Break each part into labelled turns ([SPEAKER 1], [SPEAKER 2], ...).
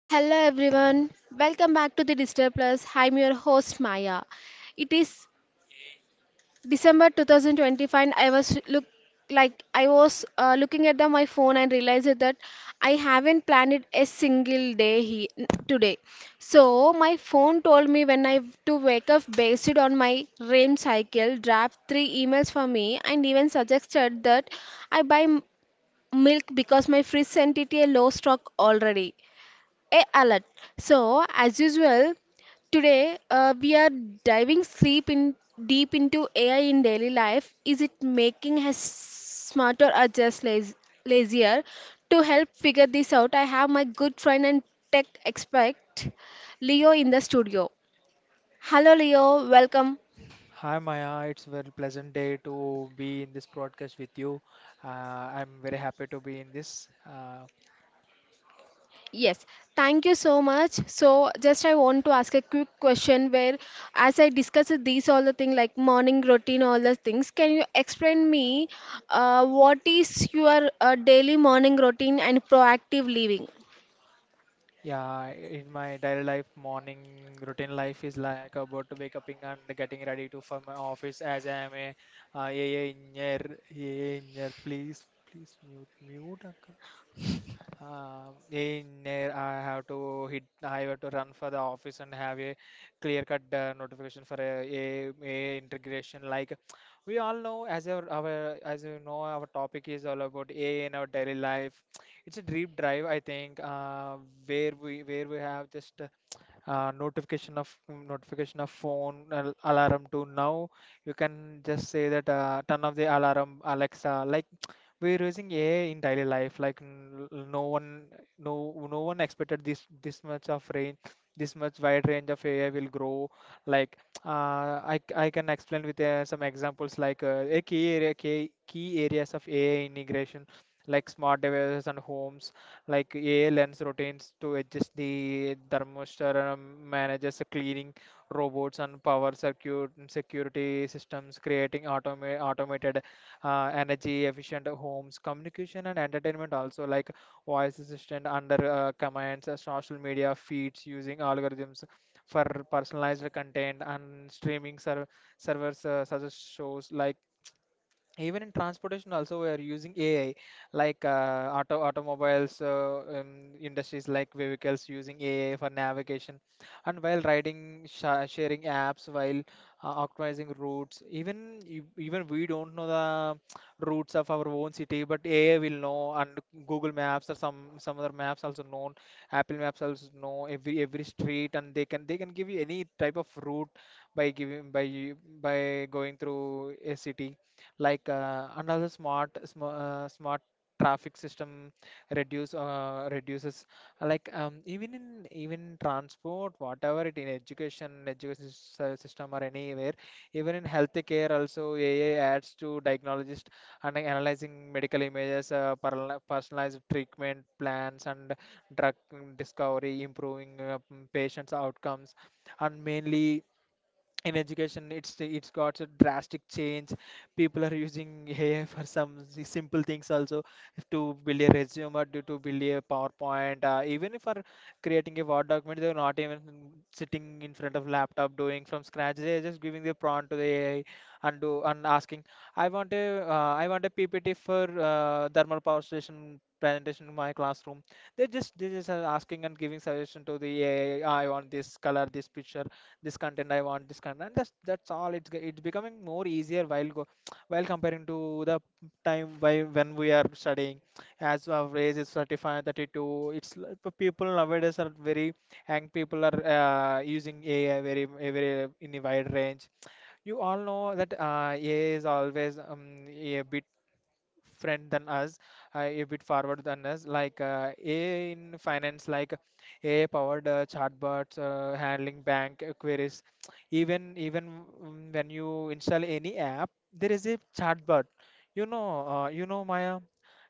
[SPEAKER 1] Hello everyone, welcome back to the Digital Plus. I'm your host Maya. It is December 2025. And I was look like I was looking at my phone and realized that I haven't planned a single day he, today. So my phone told me when I have to wake up based on my REM cycle, draft three emails for me, and even suggested that I buy milk because my fridge sent it a low stock already a alert. So, as usual, today we are diving deep in deep into AI in daily life. Is it making us smarter or just lazier? To help figure this out, I have my good friend and tech expert Leo in the studio. Hello, Leo. Welcome.
[SPEAKER 2] Hi Maya, it's very pleasant day to be in this broadcast with you. I'm very happy to be in this.
[SPEAKER 1] Yes, thank you so much. So, just I want to ask a quick question where, as I discussed these all the things like morning routine, all the things, can you explain me what is your daily morning routine and proactive living?
[SPEAKER 2] Yeah, in my daily life, morning routine life is like about to wake up and getting ready to for my office as I am a AI engineer. AI engineer, please, mute. In there, I have to hit. I have to run for the office and have a clear-cut notification for a integration. Like we all know, as you know, our topic is all about AI in our daily life. It's a deep drive, I think, where we have just notification of phone alarm to now. You can just say that turn off the alarm, Alexa. Like we're using AI in daily life. Like no one expected this much of range, this much wide range of AI will grow. Like I can explain with some examples, like a key area key, key areas of AI integration. Like smart devices and homes, like AI lens routines to adjust the thermostat, manages the cleaning robots and power circuit and security systems, creating automated, energy efficient homes, communication and entertainment also, like voice assistant under commands, social media feeds using algorithms for personalized content and streaming servers, such as shows like. Even in transportation also we are using AI, like automobiles, industries like vehicles using AI for navigation, and while riding sharing apps, while optimizing routes. Even we don't know the routes of our own city, but AI will know. And Google Maps or some other maps also known, Apple Maps also know every street, and they can give you any type of route, by giving by going through a city. Like another smart traffic system reduces, like, even in, even transport, whatever it, in education system, or anywhere. Even in healthcare also AI adds to diagnologist and analyzing medical images, personalized treatment plans and drug discovery, improving patients outcomes. And mainly in education, it's got a drastic change. People are using AI for some simple things also, to build a resume or to build a PowerPoint, even for creating a Word document. They're not even sitting in front of laptop doing from scratch. They're just giving the prompt to the AI and do and asking, I want a PPT for thermal power station presentation in my classroom. They just are asking and giving suggestion to the AI, I want this color, this picture, this content, I want this content. And that's all. It's it's becoming more easier, while comparing to the time why when we are studying. As our age is 35 32, people nowadays are very, young people are using AI very, very in a wide range. You all know that AI is always, a bit friend than us, a bit forward than us. Like AI in finance, like AI-powered chatbots handling bank queries. When you install any app, there is a chatbot. You know, Maya.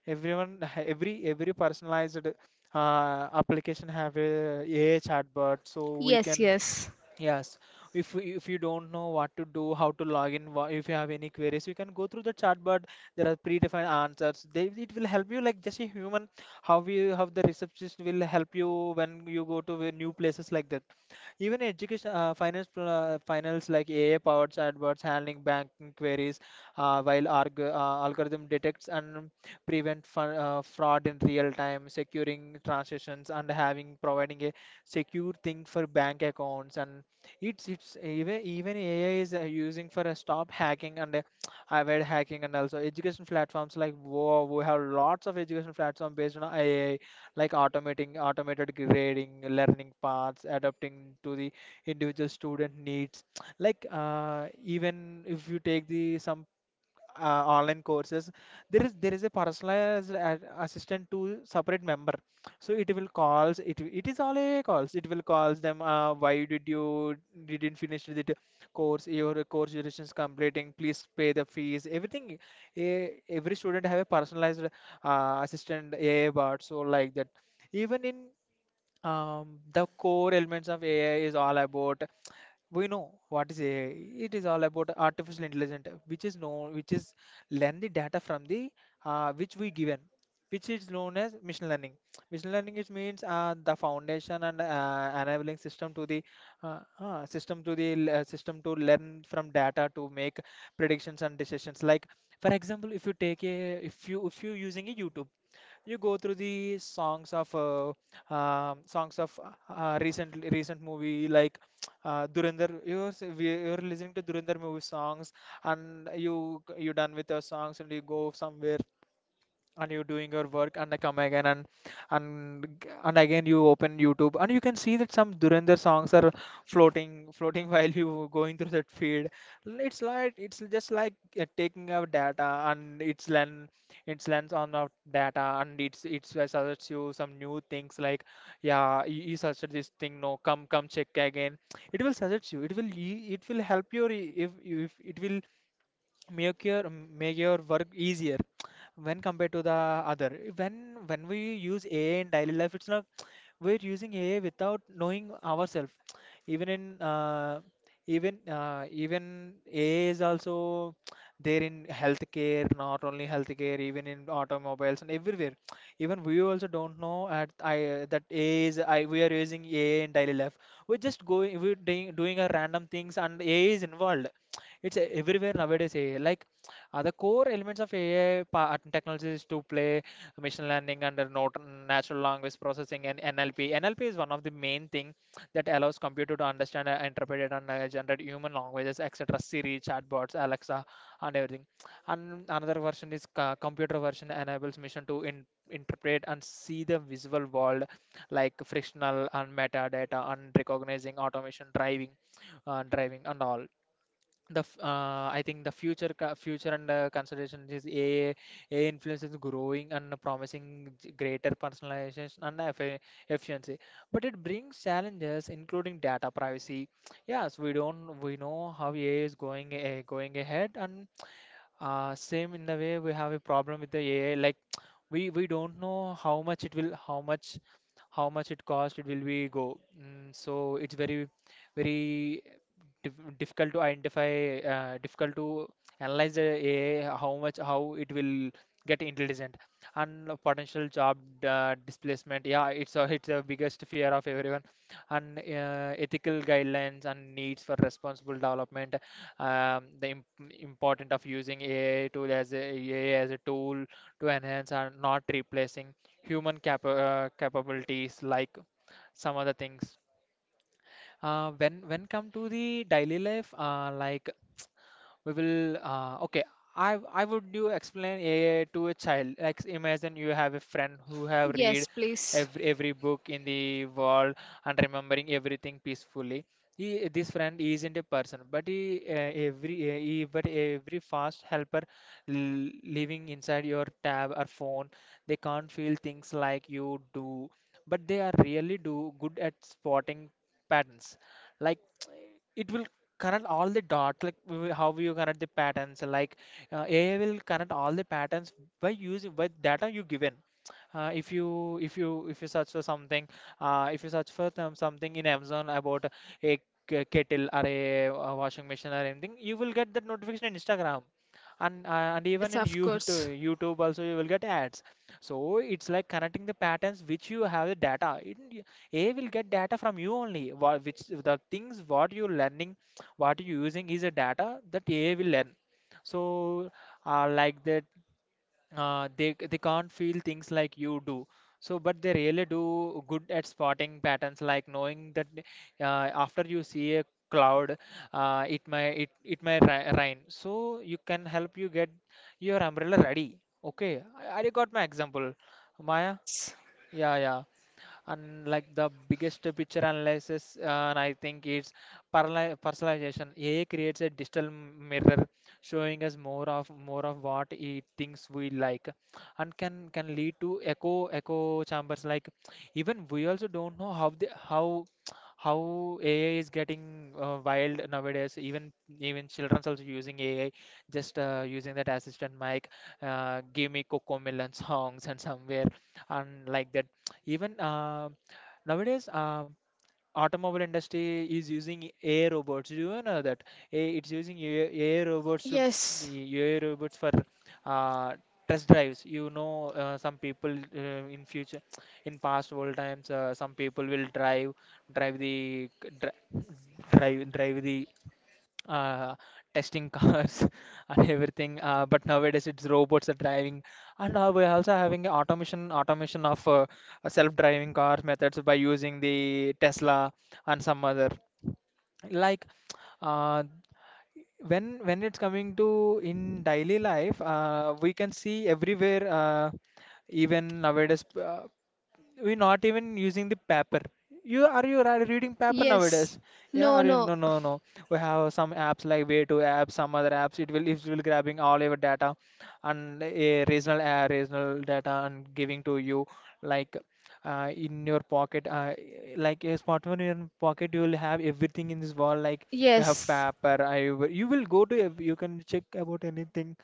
[SPEAKER 2] Everyone, every personalized application have a AI chatbot, so we
[SPEAKER 1] Yes,
[SPEAKER 2] can.
[SPEAKER 1] yes.
[SPEAKER 2] Yes, if you don't know what to do, how to log in, if you have any queries, you can go through the chatbot. There are predefined answers. It will help you like just a human. How the receptionist will help you when you go to the new places, like that. Even education, finance, like AI powered chatbots handling banking queries, while algorithm detects and prevent fraud in real time, securing transactions and having providing a secure thing for bank accounts. And it's even even AI is using for a stop hacking and avoid hacking. And also education platforms, like, wow, we have lots of education platform based on AI, like automating automated grading, learning paths, adapting to the individual student needs. Like even if you take the some online courses, there is a personalized assistant to separate member. So it will calls it it is all a calls it will calls them, why did you didn't finish the course, your course duration is completing, please pay the fees, everything. Every student have a personalized assistant AI bot, so like that. Even in the core elements of AI is all about, we know what is AI. It is all about artificial intelligence, which is known, which is learn the data from the, which we given, which is known as machine learning. Machine learning is means the foundation and enabling system to learn from data to make predictions and decisions. Like, for example, if you take a if you using a YouTube, you go through the songs of recent movie, like Durandar. You're listening to Durandar movie songs, and you done with your songs, and you go somewhere, and you're doing your work, and I come again, and again you open YouTube, and you can see that some Durandar songs are floating while you going through that feed. It's just like taking our data, and it's lens on our data. And it's suggests you some new things, like, yeah, you suggested this thing, no, come check again. It will suggest you it will e- it will help your. If it will make your work easier when compared to the other. When we use AI in daily life, it's not, we're using AI without knowing ourselves. Even in even AI is also there in healthcare, not only healthcare, even in automobiles and everywhere. Even we also don't know at I that AI is I we are using AI in daily life. We're just going we're doing our random things, and AI is involved. It's everywhere nowadays, AI. Like, are the core elements of AI technologies to play: machine learning, under not, natural language processing, and NLP. NLP is one of the main thing that allows computer to understand and interpret and generate human languages, etc. Siri, chatbots, Alexa, and everything. And another version is computer version enables machine to interpret and see the visual world, like frictional and metadata and recognizing automation driving, and all I think the future future and consideration is AI. AI influence is growing and promising greater personalization and efficiency, but it brings challenges including data privacy. Yes, we don't we know how AI is going, going ahead, and same in the way we have a problem with the AI. Like, we don't know how much it will, how much it cost. It will be go. So it's very, very dif difficult to identify, difficult to analyze the AI. How much, how it will get intelligent, and a potential job displacement. Yeah, it's a biggest fear of everyone, and ethical guidelines and needs for responsible development, the important of using AI tool, as a tool to enhance and not replacing human capabilities, like some other things. When come to the daily life, like we will okay, I would do explain AI to a child. Like imagine you have a friend who have read
[SPEAKER 1] Yes, please.
[SPEAKER 2] every book in the world and remembering everything peacefully. He This friend isn't a person, but every fast helper l- living inside your tab or phone. They can't feel things like you do, but they are really do good at spotting patterns. Like it will connect all the dots. Like how you connect the patterns, like AI will connect all the patterns by using by data you given. Uh, if you if you if you search for something. If you search for something in Amazon about a kettle or a washing machine or anything, you will get that notification in Instagram. And uh, and even
[SPEAKER 1] Yes,
[SPEAKER 2] in
[SPEAKER 1] of course.
[SPEAKER 2] YouTube also you will get ads. So it's like connecting the patterns which you have the data. AI will get data from you only what, which the things what you're learning, what you're using is a data that AI will learn. So like that, they can't feel things like you do. So but they really do good at spotting patterns, like knowing that after you see a cloud, it may rain. So you can help you get your umbrella ready. Okay, I got my example, Maya.
[SPEAKER 1] Yes,
[SPEAKER 2] Yeah, yeah, and like the biggest picture analysis. And I think it's personalization. AI creates a digital mirror showing us more of what it thinks we like, and can lead to echo chambers. Like even we also don't know how the how AI is getting wild nowadays. Even children's also using AI, just using that assistant mic, give me Cocomelon songs and somewhere, and like that. Even nowadays, automobile industry is using AI robots. Do you know that? It's using
[SPEAKER 1] yes,
[SPEAKER 2] AI robots for uh, test drives. Some people in future, in past old times, some people will drive drive the c- dri- drive drive the uh, testing cars and everything. But nowadays it's robots are driving, and we're also having automation of self-driving car methods by using the Tesla and some other. like uh, when it's coming to in daily life, we can see everywhere. Even nowadays we're not even using the paper. You are you ra- reading paper
[SPEAKER 1] yes.
[SPEAKER 2] nowadays? Yeah,
[SPEAKER 1] No,
[SPEAKER 2] are you?
[SPEAKER 1] no.
[SPEAKER 2] No, no, no. We have some apps like way to apps, some other apps. It will grabbing all your data and a regional data and giving to you, like in your pocket. Like a smartphone in your pocket, you will have everything in this world. Like you have
[SPEAKER 1] Yes,
[SPEAKER 2] paper. I will- you will go to ev- you can check about anything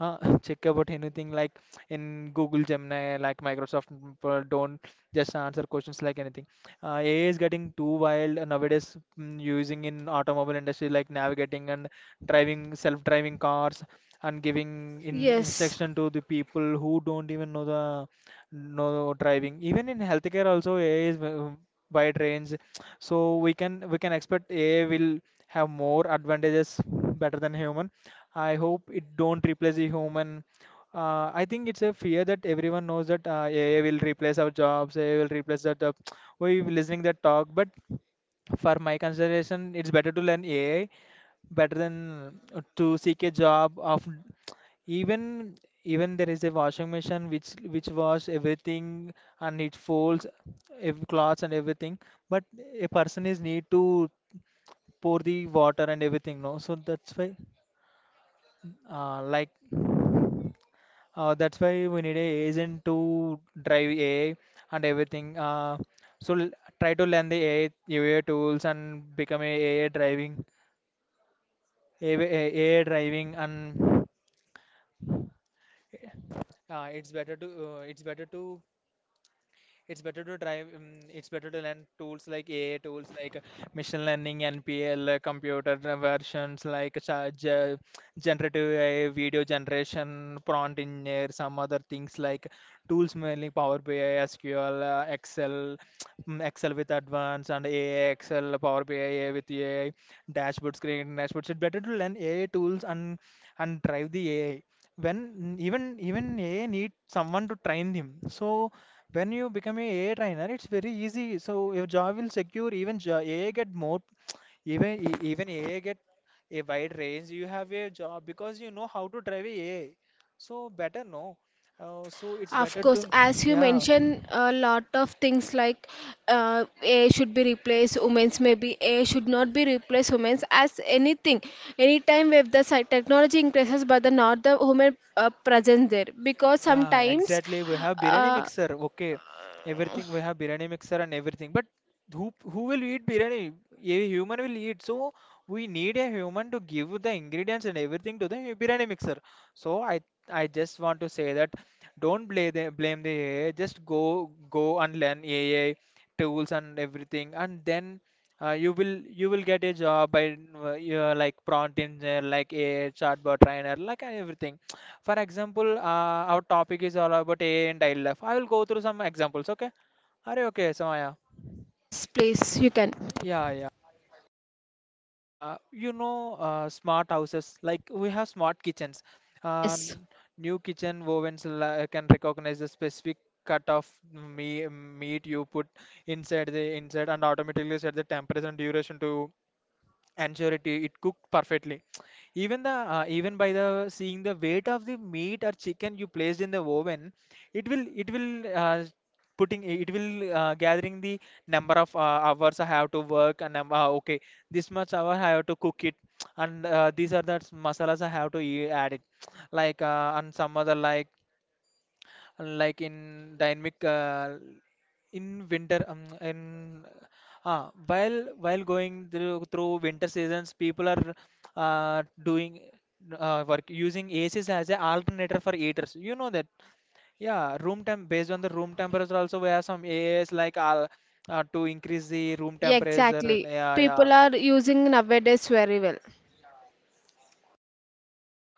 [SPEAKER 2] uh, check about anything like in Google Gemini, like Microsoft, but don't just answer questions like anything. AI is getting too wild nowadays, using in automobile industry like navigating and driving self-driving cars and giving in
[SPEAKER 1] yes.
[SPEAKER 2] instruction to the people who don't even know the know driving. Even in healthcare also AI is wide range. So we can expect AI will have more advantages better than human. I hope it don't replace the human. I think it's a fear that everyone knows that AI will replace our jobs, AI will replace that. We listening that talk, but for my consideration, it's better to learn AI better than to seek a job of. Even even there is a washing machine which wash everything and it folds clothes and everything, but a person is need to pour the water and everything. No, so that's why uh, like that's why we need a agent to drive AI and everything. So l- Try to learn the AI, AI tools and become a AI driving, AI, AI driving. And uh, it's better to uh, it's better to It's better to try. It's better to learn tools like AI tools like machine learning, NPL, computer versions like charge, generative AI, video generation, prompt engineer, some other things like tools, mainly Power BI, SQL, Excel, Excel with advanced and AI, Excel, Power BI with AI, dashboards, creating dashboards. It's better to learn AI tools and drive the AI. When even AI need someone to train him. So when you become a AI trainer, it's very easy. So your job will secure. AI get more. Even AI get a wide range. You have a job because you know how to drive a AI. So better no. So it's
[SPEAKER 1] Of
[SPEAKER 2] better
[SPEAKER 1] course,
[SPEAKER 2] to.
[SPEAKER 1] as you
[SPEAKER 2] Yeah.
[SPEAKER 1] mentioned, a lot of things like a should be replaced, women's maybe a should not be replaced, women's as anything. Anytime if the technology increases, but the not the woman present there because
[SPEAKER 2] Yeah,
[SPEAKER 1] sometimes,
[SPEAKER 2] exactly. We have biryani
[SPEAKER 1] uh,
[SPEAKER 2] mixer. Okay, everything we have biryani mixer and everything. But who will eat biryani? A human will eat. So we need a human to give the ingredients and everything to the biryani mixer. So I just want to say that don't blame the AI. Just go and learn AI tools and everything. And then uh, you will you will get a job by you're like prompt engineer, like a chatbot trainer, like everything. For example, our topic is all about AI and daily life. I will go through some examples. Okay? Are you okay, Samaya?
[SPEAKER 1] yes, please, you can.
[SPEAKER 2] Yeah, yeah. Smart houses, like we have smart kitchens. Uh,
[SPEAKER 1] Yes,
[SPEAKER 2] n- New kitchen ovens can recognize the specific cut of meat you put inside the inside and automatically set the temperature and duration to ensure it cooked perfectly. Even by the seeing the weight of the meat or chicken you placed in the oven, it will it will uh, it will gathering the number of hours I have to work. And okay, this much hour I have to cook it. And these are the masalas I have to add it. Like and some other like in dynamic In winter, while going through winter seasons, people are doing work using ACs as an alternator for heaters, you know that. Yeah, room temp, based on the room temperature also we have some AAs like to increase the room
[SPEAKER 1] yeah,
[SPEAKER 2] temperature.
[SPEAKER 1] exactly.
[SPEAKER 2] Yeah, yeah.
[SPEAKER 1] People are using nowadays very well.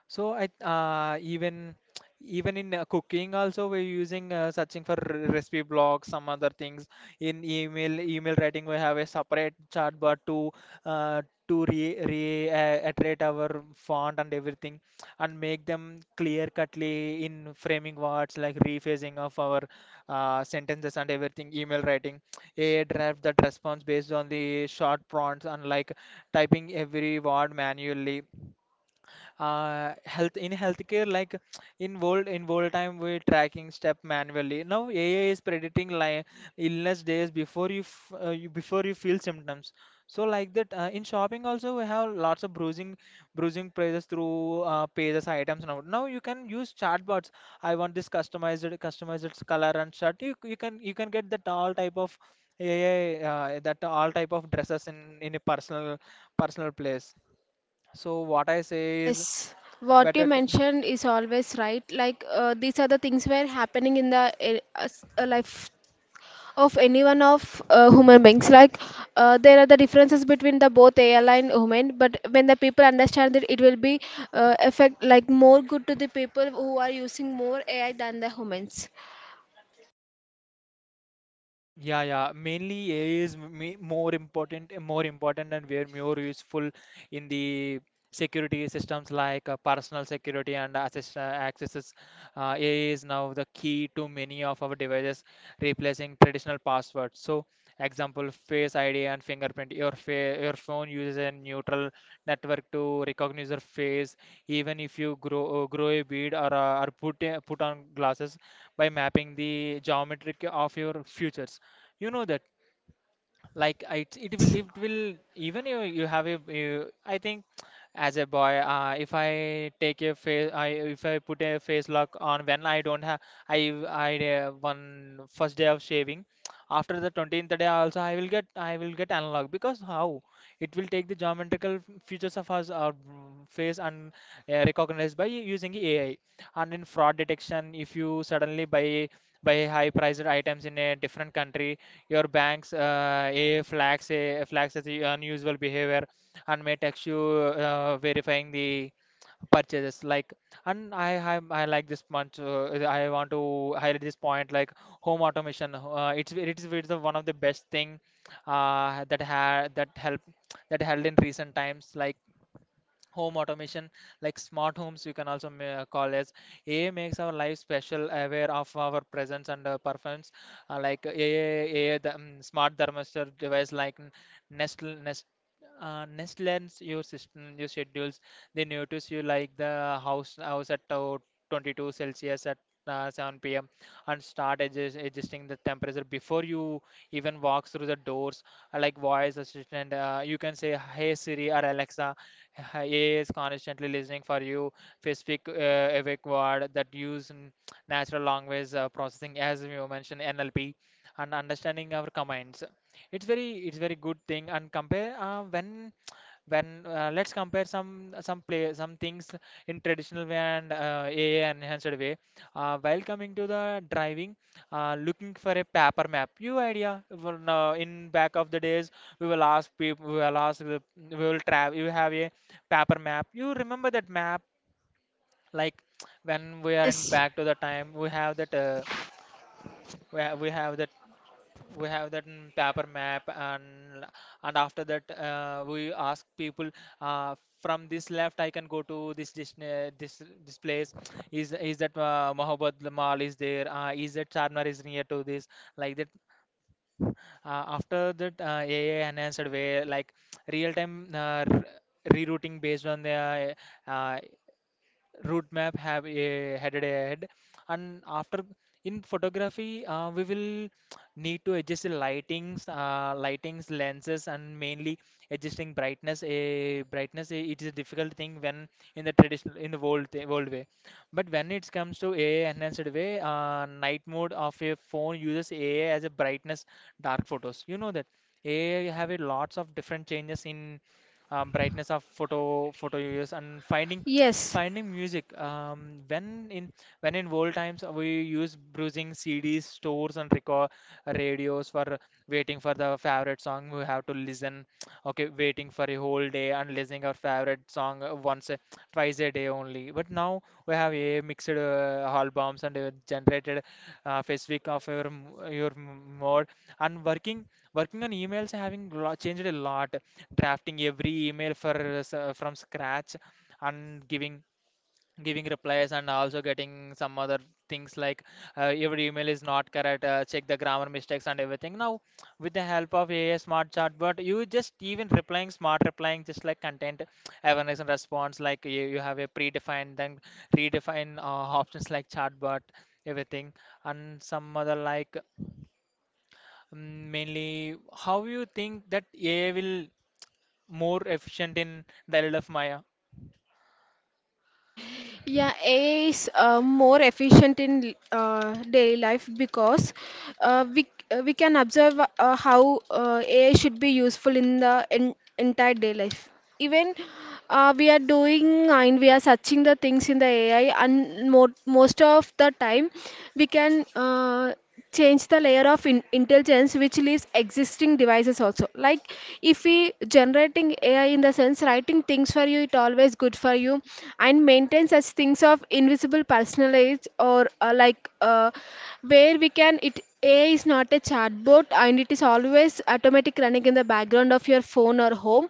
[SPEAKER 2] So I even in cooking also we're using, searching for recipe blogs, some other things. In email writing, we have a separate chat bar uh, to re, re iterate our font and everything and make them clear cutly in framing words like rephrasing of our sentences and everything. Email writing, a draft that responds based on the short prompts unlike typing every word manually. Health, in healthcare, like in world time we tracking step manually. Now AI is predicting like illness days before you, before you feel symptoms. So like that, in shopping also we have lots of bruising prices through pages, items. Now you can use chatbots. I want this customized color and shirt. You can get that all type of ai that all type of dresses in a personal place. So what I say is.
[SPEAKER 1] Yes, what
[SPEAKER 2] Better.
[SPEAKER 1] you mentioned is always right. Like these are the things were happening in the life of anyone of human beings like there are the differences between the both AI and human, but when the people understand it, it will be effect like more good to the people who are using more AI than the humans.
[SPEAKER 2] Yeah, yeah. Mainly AI is more important, and where more useful in the security systems, like personal security and accesses. AI is now the key to many of our devices, replacing traditional passwords. So, example, Face ID and fingerprint. Your phone uses a neutral network to recognize your face, even if you grow a beard or put put on glasses by mapping the geometric of your features, you know that. Like it it will
[SPEAKER 1] Yes,
[SPEAKER 2] it will even you you have a you, I think as a boy, if I take a face. I If I put a face lock on when I don't have. I I One first day of shaving, after the 20th day also I will get. Analog, because how it will take the geometrical features of us, our face, and recognized by using AI. And in fraud detection, if you suddenly buy high priced items in a different country, your bank's a flags as the unusual behavior and may text you verifying the purchases. Like, and I have, I like this much. I want to highlight this point. Like home automation, it's the one of the best thing that ha that help that held in recent times. Like home automation, like smart homes you can also call as AI makes our life special, aware of our presence and performance. Like ai ai The, smart thermostat device, like nest nest nest lens your system, your schedules, they notice you like the house at 22 celsius at 7 p.m. And start adjusting the temperature before you even walk through the doors. Like voice assistant, you can say hey Siri or Alexa. He is constantly listening for you. Specific evac word that use natural language processing, as you mentioned, NLP, and understanding our commands. It's very good thing. And compare when let's compare some things in traditional way and AI enhanced way. While coming to the driving, looking for a paper map. Now in back of the days we will ask people we will ask the, we will travel. You have a paper map. You remember that map like when we are in
[SPEAKER 1] yes,
[SPEAKER 2] back to the time we have that we have that we have that paper map, and after that, we ask people. From this left I can go to this dis this place. Is that Mohabbat Mall is there? Is that Charminar is near to this, like that? After that, AI enhanced way, like real time rerouting based on the uh, roadmap. Have a headed ahead. And after, in photography, we will need to adjust the lightings, lenses, and mainly adjusting brightness, a brightness. It is a difficult thing when, in the traditional, in the old way. But when it comes to AI enhanced way, night mode of a phone uses AI as a brightness, dark photos. You know that AI have a lots of different changes in brightness of photo, users, and
[SPEAKER 1] yes.
[SPEAKER 2] finding music. When in, when in old times, we use bruising CDs, stores, and record radios for waiting for the favorite song. We have to listen. Okay, waiting for a whole day and listening our favorite song once, twice a day only. But now we have a mixed albums and generated specific of your mode. And working, working on emails having changed a lot. Drafting every email for from scratch, and giving replies, and also getting some other things like, your email is not correct, check the grammar mistakes and everything. Now with the help of AI smart chatbot, you just even replying, smart replying, just like content awareness and response. Like you have a predefined then redefine options like chatbot, everything. And some other like, mainly, how you think that AI will more efficient in the life of Maya?
[SPEAKER 1] Yeah, AI is more efficient in daily life because we can observe how AI should be useful in the en entire day life. Even we are doing and we are searching the things in the AI, and mo most of the time we can. Change the layer of intelligence which leaves existing devices also. Like if we generating AI in the sense writing things for you, it always good for you and maintain such things of invisible personalized or like where we can it. AI is not a chatbot and it is always automatic running in the background of your phone or home.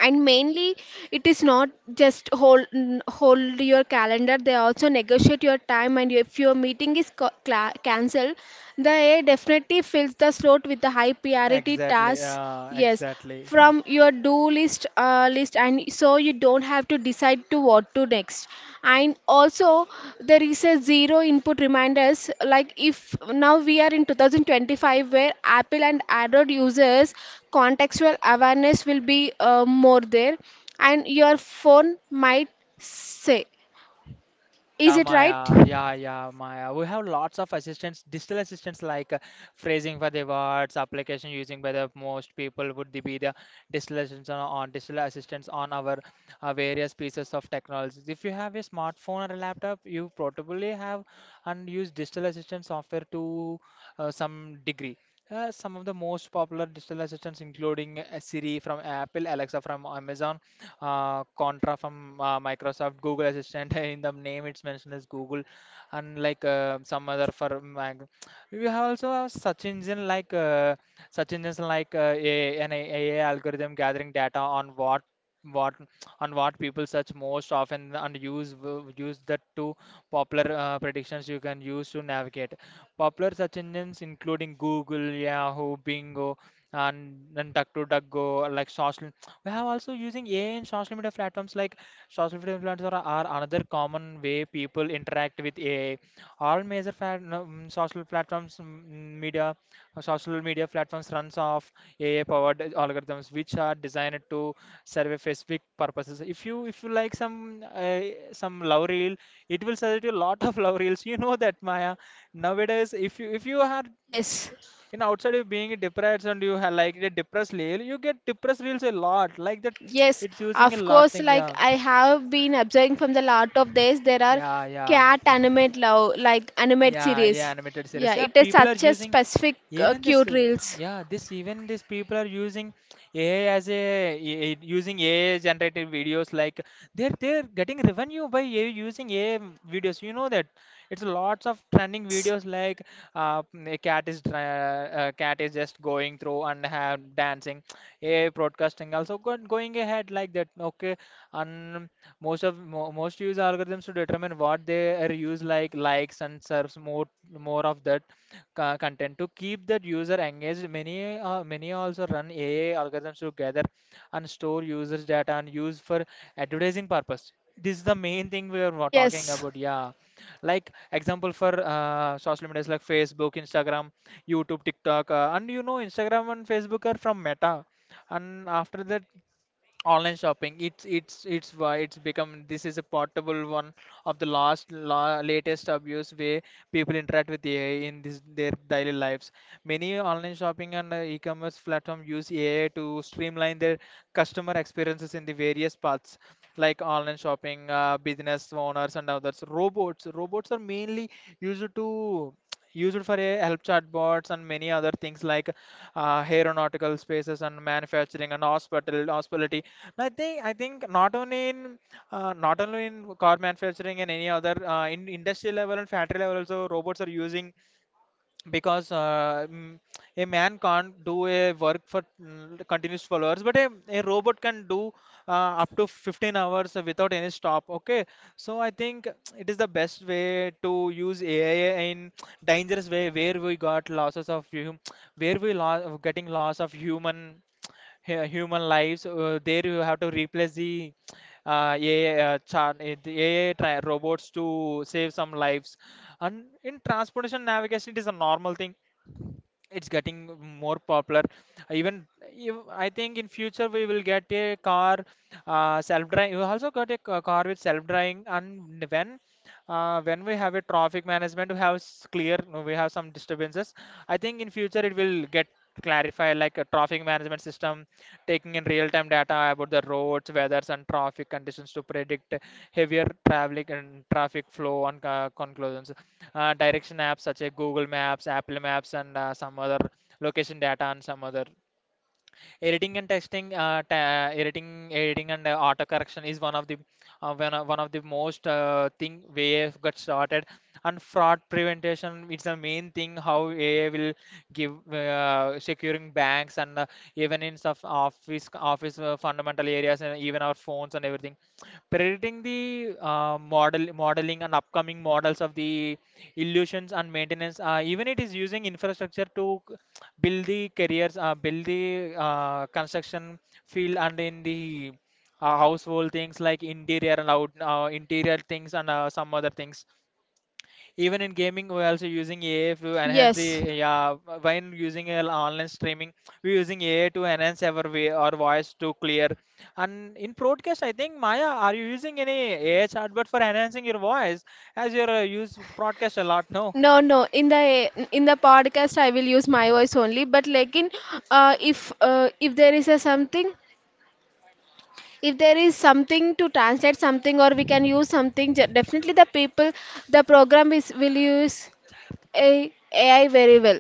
[SPEAKER 1] And mainly it is not just hold hold your calendar, they also negotiate your time, and if your meeting is cancelled, the AI definitely fills the slot with the high priority
[SPEAKER 2] Exactly,
[SPEAKER 1] tasks. Yes.
[SPEAKER 2] exactly.
[SPEAKER 1] From your do list, and so you don't have to decide to what to next. And also there is a zero input reminders, like if now we are in 2025, where apple and android users contextual awareness will be more there, and your phone might say, is
[SPEAKER 2] Yeah,
[SPEAKER 1] it right?
[SPEAKER 2] Maya. Yeah, yeah, Maya. We have lots of assistants, digital assistants, like phrasing for the words, application using by the most people would be the digital assistants on digital assistants on our various pieces of technologies. If you have a smartphone or a laptop, you probably have and use digital assistant software to some degree. Some of the most popular digital assistants, including Siri from Apple, Alexa from Amazon, Contra from Microsoft, Google Assistant. In the name, it's mentioned as Google, and like some other for Mac. We have also have such engine like such engines like, an AI algorithm gathering data on what on what people search most often and use use that to popular predictions you can use to navigate popular search engines, including Google, Yahoo, Bingo, and Duck, like social. We have also using AI in social media platforms like, social media platforms are another common way people interact with AI. All major social platforms, social media platforms runs off AI-powered algorithms which are designed to serve specific purposes. If you, if you like some, some love reel, it will suggest you a lot of love reels. You know that, Maya. Nowadays, if you, if you are
[SPEAKER 1] Yes.
[SPEAKER 2] in outside, you being depressed and you have like the depressed reel, you get depressed reels a lot, like that.
[SPEAKER 1] Yes,
[SPEAKER 2] It's using a
[SPEAKER 1] of
[SPEAKER 2] lot
[SPEAKER 1] course,
[SPEAKER 2] thing,
[SPEAKER 1] like
[SPEAKER 2] yeah
[SPEAKER 1] I have been observing from the lot of days, there are
[SPEAKER 2] yeah yeah.
[SPEAKER 1] cat animate love, like animate
[SPEAKER 2] Yeah, yeah,
[SPEAKER 1] series.
[SPEAKER 2] animated series.
[SPEAKER 1] Yeah,
[SPEAKER 2] Yeah,
[SPEAKER 1] it is
[SPEAKER 2] people are
[SPEAKER 1] such a
[SPEAKER 2] using
[SPEAKER 1] specific
[SPEAKER 2] even this.
[SPEAKER 1] cute
[SPEAKER 2] uh,
[SPEAKER 1] reels.
[SPEAKER 2] Yeah, this, even this, people are using AI as a, using AI generated videos. Like they're getting revenue by AI, using AI videos. You know that, it's lots of trending
[SPEAKER 1] Yes,
[SPEAKER 2] videos like, a cat is cat is just going through and have dancing. AI broadcasting also going ahead like that. Okay, and most of mo most use algorithms to determine what they are use, like likes, and serves more, more of that content to keep that user engaged. Many many also run AI algorithms to gather and store users data and use for advertising purpose. This is the main thing we are talking
[SPEAKER 1] yes,
[SPEAKER 2] about. Yeah, like example for social medias like Facebook, Instagram, YouTube, TikTok, and you know Instagram and Facebook are from Meta. And after, online shopping, it's why it's become, this is a portable one of the last la latest abuse way people interact with AI in this their daily lives, meaning commerce platforms use AI to streamline their customer experiences in the various paths like online shopping, business owners, and others. Robots. Robots are mainly used to used for a help chatbots and many other things like aeronautical spaces and manufacturing and hospitality. I think not only in, not only in car manufacturing and any other, in industry level and factory level also robots are using, because a man can't do a work for continuous followers, but a robot can do uh, up to 15 hours without any stop. Okay, so I think it is the best way to use AI in dangerous way where we got losses of getting loss of human, human lives. There you have to replace the AI, the AI robots to save some lives. And in transportation navigation, it is a normal thing. It's getting more popular, even if, I think in future we will get a car, self driving. We also got a car with self driving. And when, when we have a traffic management, we have clear, we have some disturbances. I think in future it will get clarified, like a traffic management system taking in real time data about the roads, weathers, and traffic conditions to predict heavier traffic and traffic flow and conclusions. Direction apps such as Google Maps, Apple Maps, and some other location data and some other editing and testing. Editing and auto correction is one of the one of the most thing where it got started. And fraud prevention, it's the main thing how AI will give securing banks and even in of office, fundamental areas and even our phones and everything, predicting the modeling and upcoming models of the illusions and maintenance. Even it is using infrastructure to build the careers, build the construction field, and in the household things like interior and out interior things, and some other things. Even in gaming, we're also using AI to enhance the,
[SPEAKER 1] yes.
[SPEAKER 2] yeah. When using online streaming, we're using AI to enhance our way, our voice to clear. And in broadcast, I think, Maya, are you using any AI chatbot for enhancing your voice as you're use broadcast a lot? No.
[SPEAKER 1] No, no. In the podcast, I will use my voice only. But like in, if there is a something, if there is something to translate something, or we can use something, definitely the people, the program is will use a AI very well.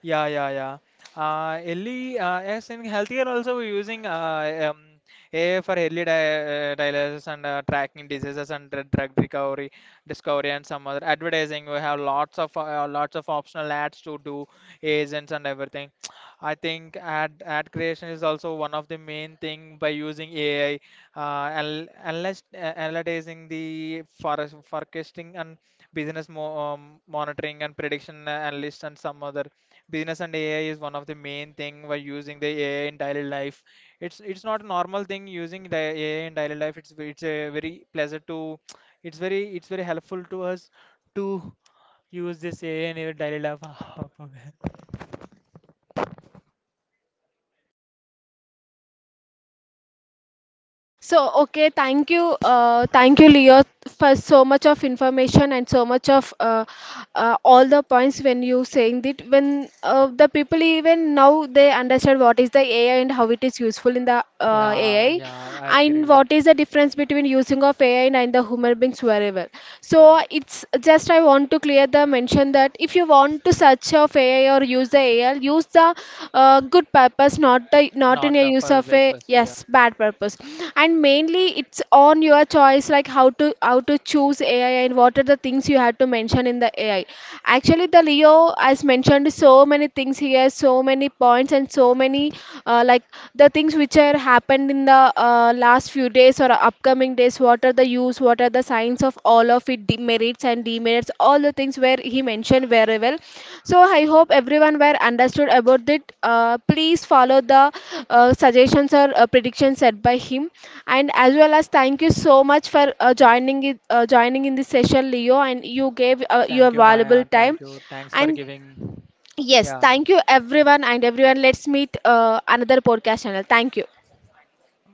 [SPEAKER 2] Yeah, yeah, yeah. Yes, in healthcare also we're using AI for early dialysis and tracking diseases and drug recovery, discovery, and some other advertising. We have lots of optional ads to do, agents and everything. I think ad creation is also one of the main thing by using AI, analyzing the forest forecasting and business mo monitoring and prediction, analysts and some other business, and AI is one of the main thing we're using the AI in daily life. It's not a normal thing using the AI in daily life. It's a very pleasure to, it's very, it's very helpful to us to use this AI in your daily life.
[SPEAKER 1] So, okay, thank you, Leo, for so much of information and so much of all the points when you saying that when the people even now they understand what is the AI and how it is useful in the
[SPEAKER 2] Yeah, yeah, I
[SPEAKER 1] AI, and
[SPEAKER 2] agree.
[SPEAKER 1] what is the difference between using of AI and the human beings. That's very well.
[SPEAKER 2] Yeah,
[SPEAKER 1] So it's just I want to clear the mention that if you want to search of AI or use the AI, use the good purpose, not the not in
[SPEAKER 2] not
[SPEAKER 1] a
[SPEAKER 2] the
[SPEAKER 1] use
[SPEAKER 2] first
[SPEAKER 1] of a
[SPEAKER 2] breakfast. Yeah.
[SPEAKER 1] yes bad purpose. And mainly it's on your choice, like how to choose AI and what are the things you have to mention in the AI. Actually, the Leo has mentioned so many things here, so many points and so many like the things which are happened in the last few days or upcoming days, what are the use, what are the signs of all of it, demerits and demerits, all the things where he mentioned very well. So I hope everyone were understood about it. Uh, please follow the suggestions or predictions set by him. And as well as thank you so much for joining in this session, Leo, and you gave your
[SPEAKER 2] Thank you, Maya.
[SPEAKER 1] valuable time
[SPEAKER 2] Thank you. Thanks for
[SPEAKER 1] and.
[SPEAKER 2] giving.
[SPEAKER 1] Yes,
[SPEAKER 2] Yeah.
[SPEAKER 1] thank you everyone and everyone. Let's meet another podcast channel. Thank you.
[SPEAKER 2] Maya.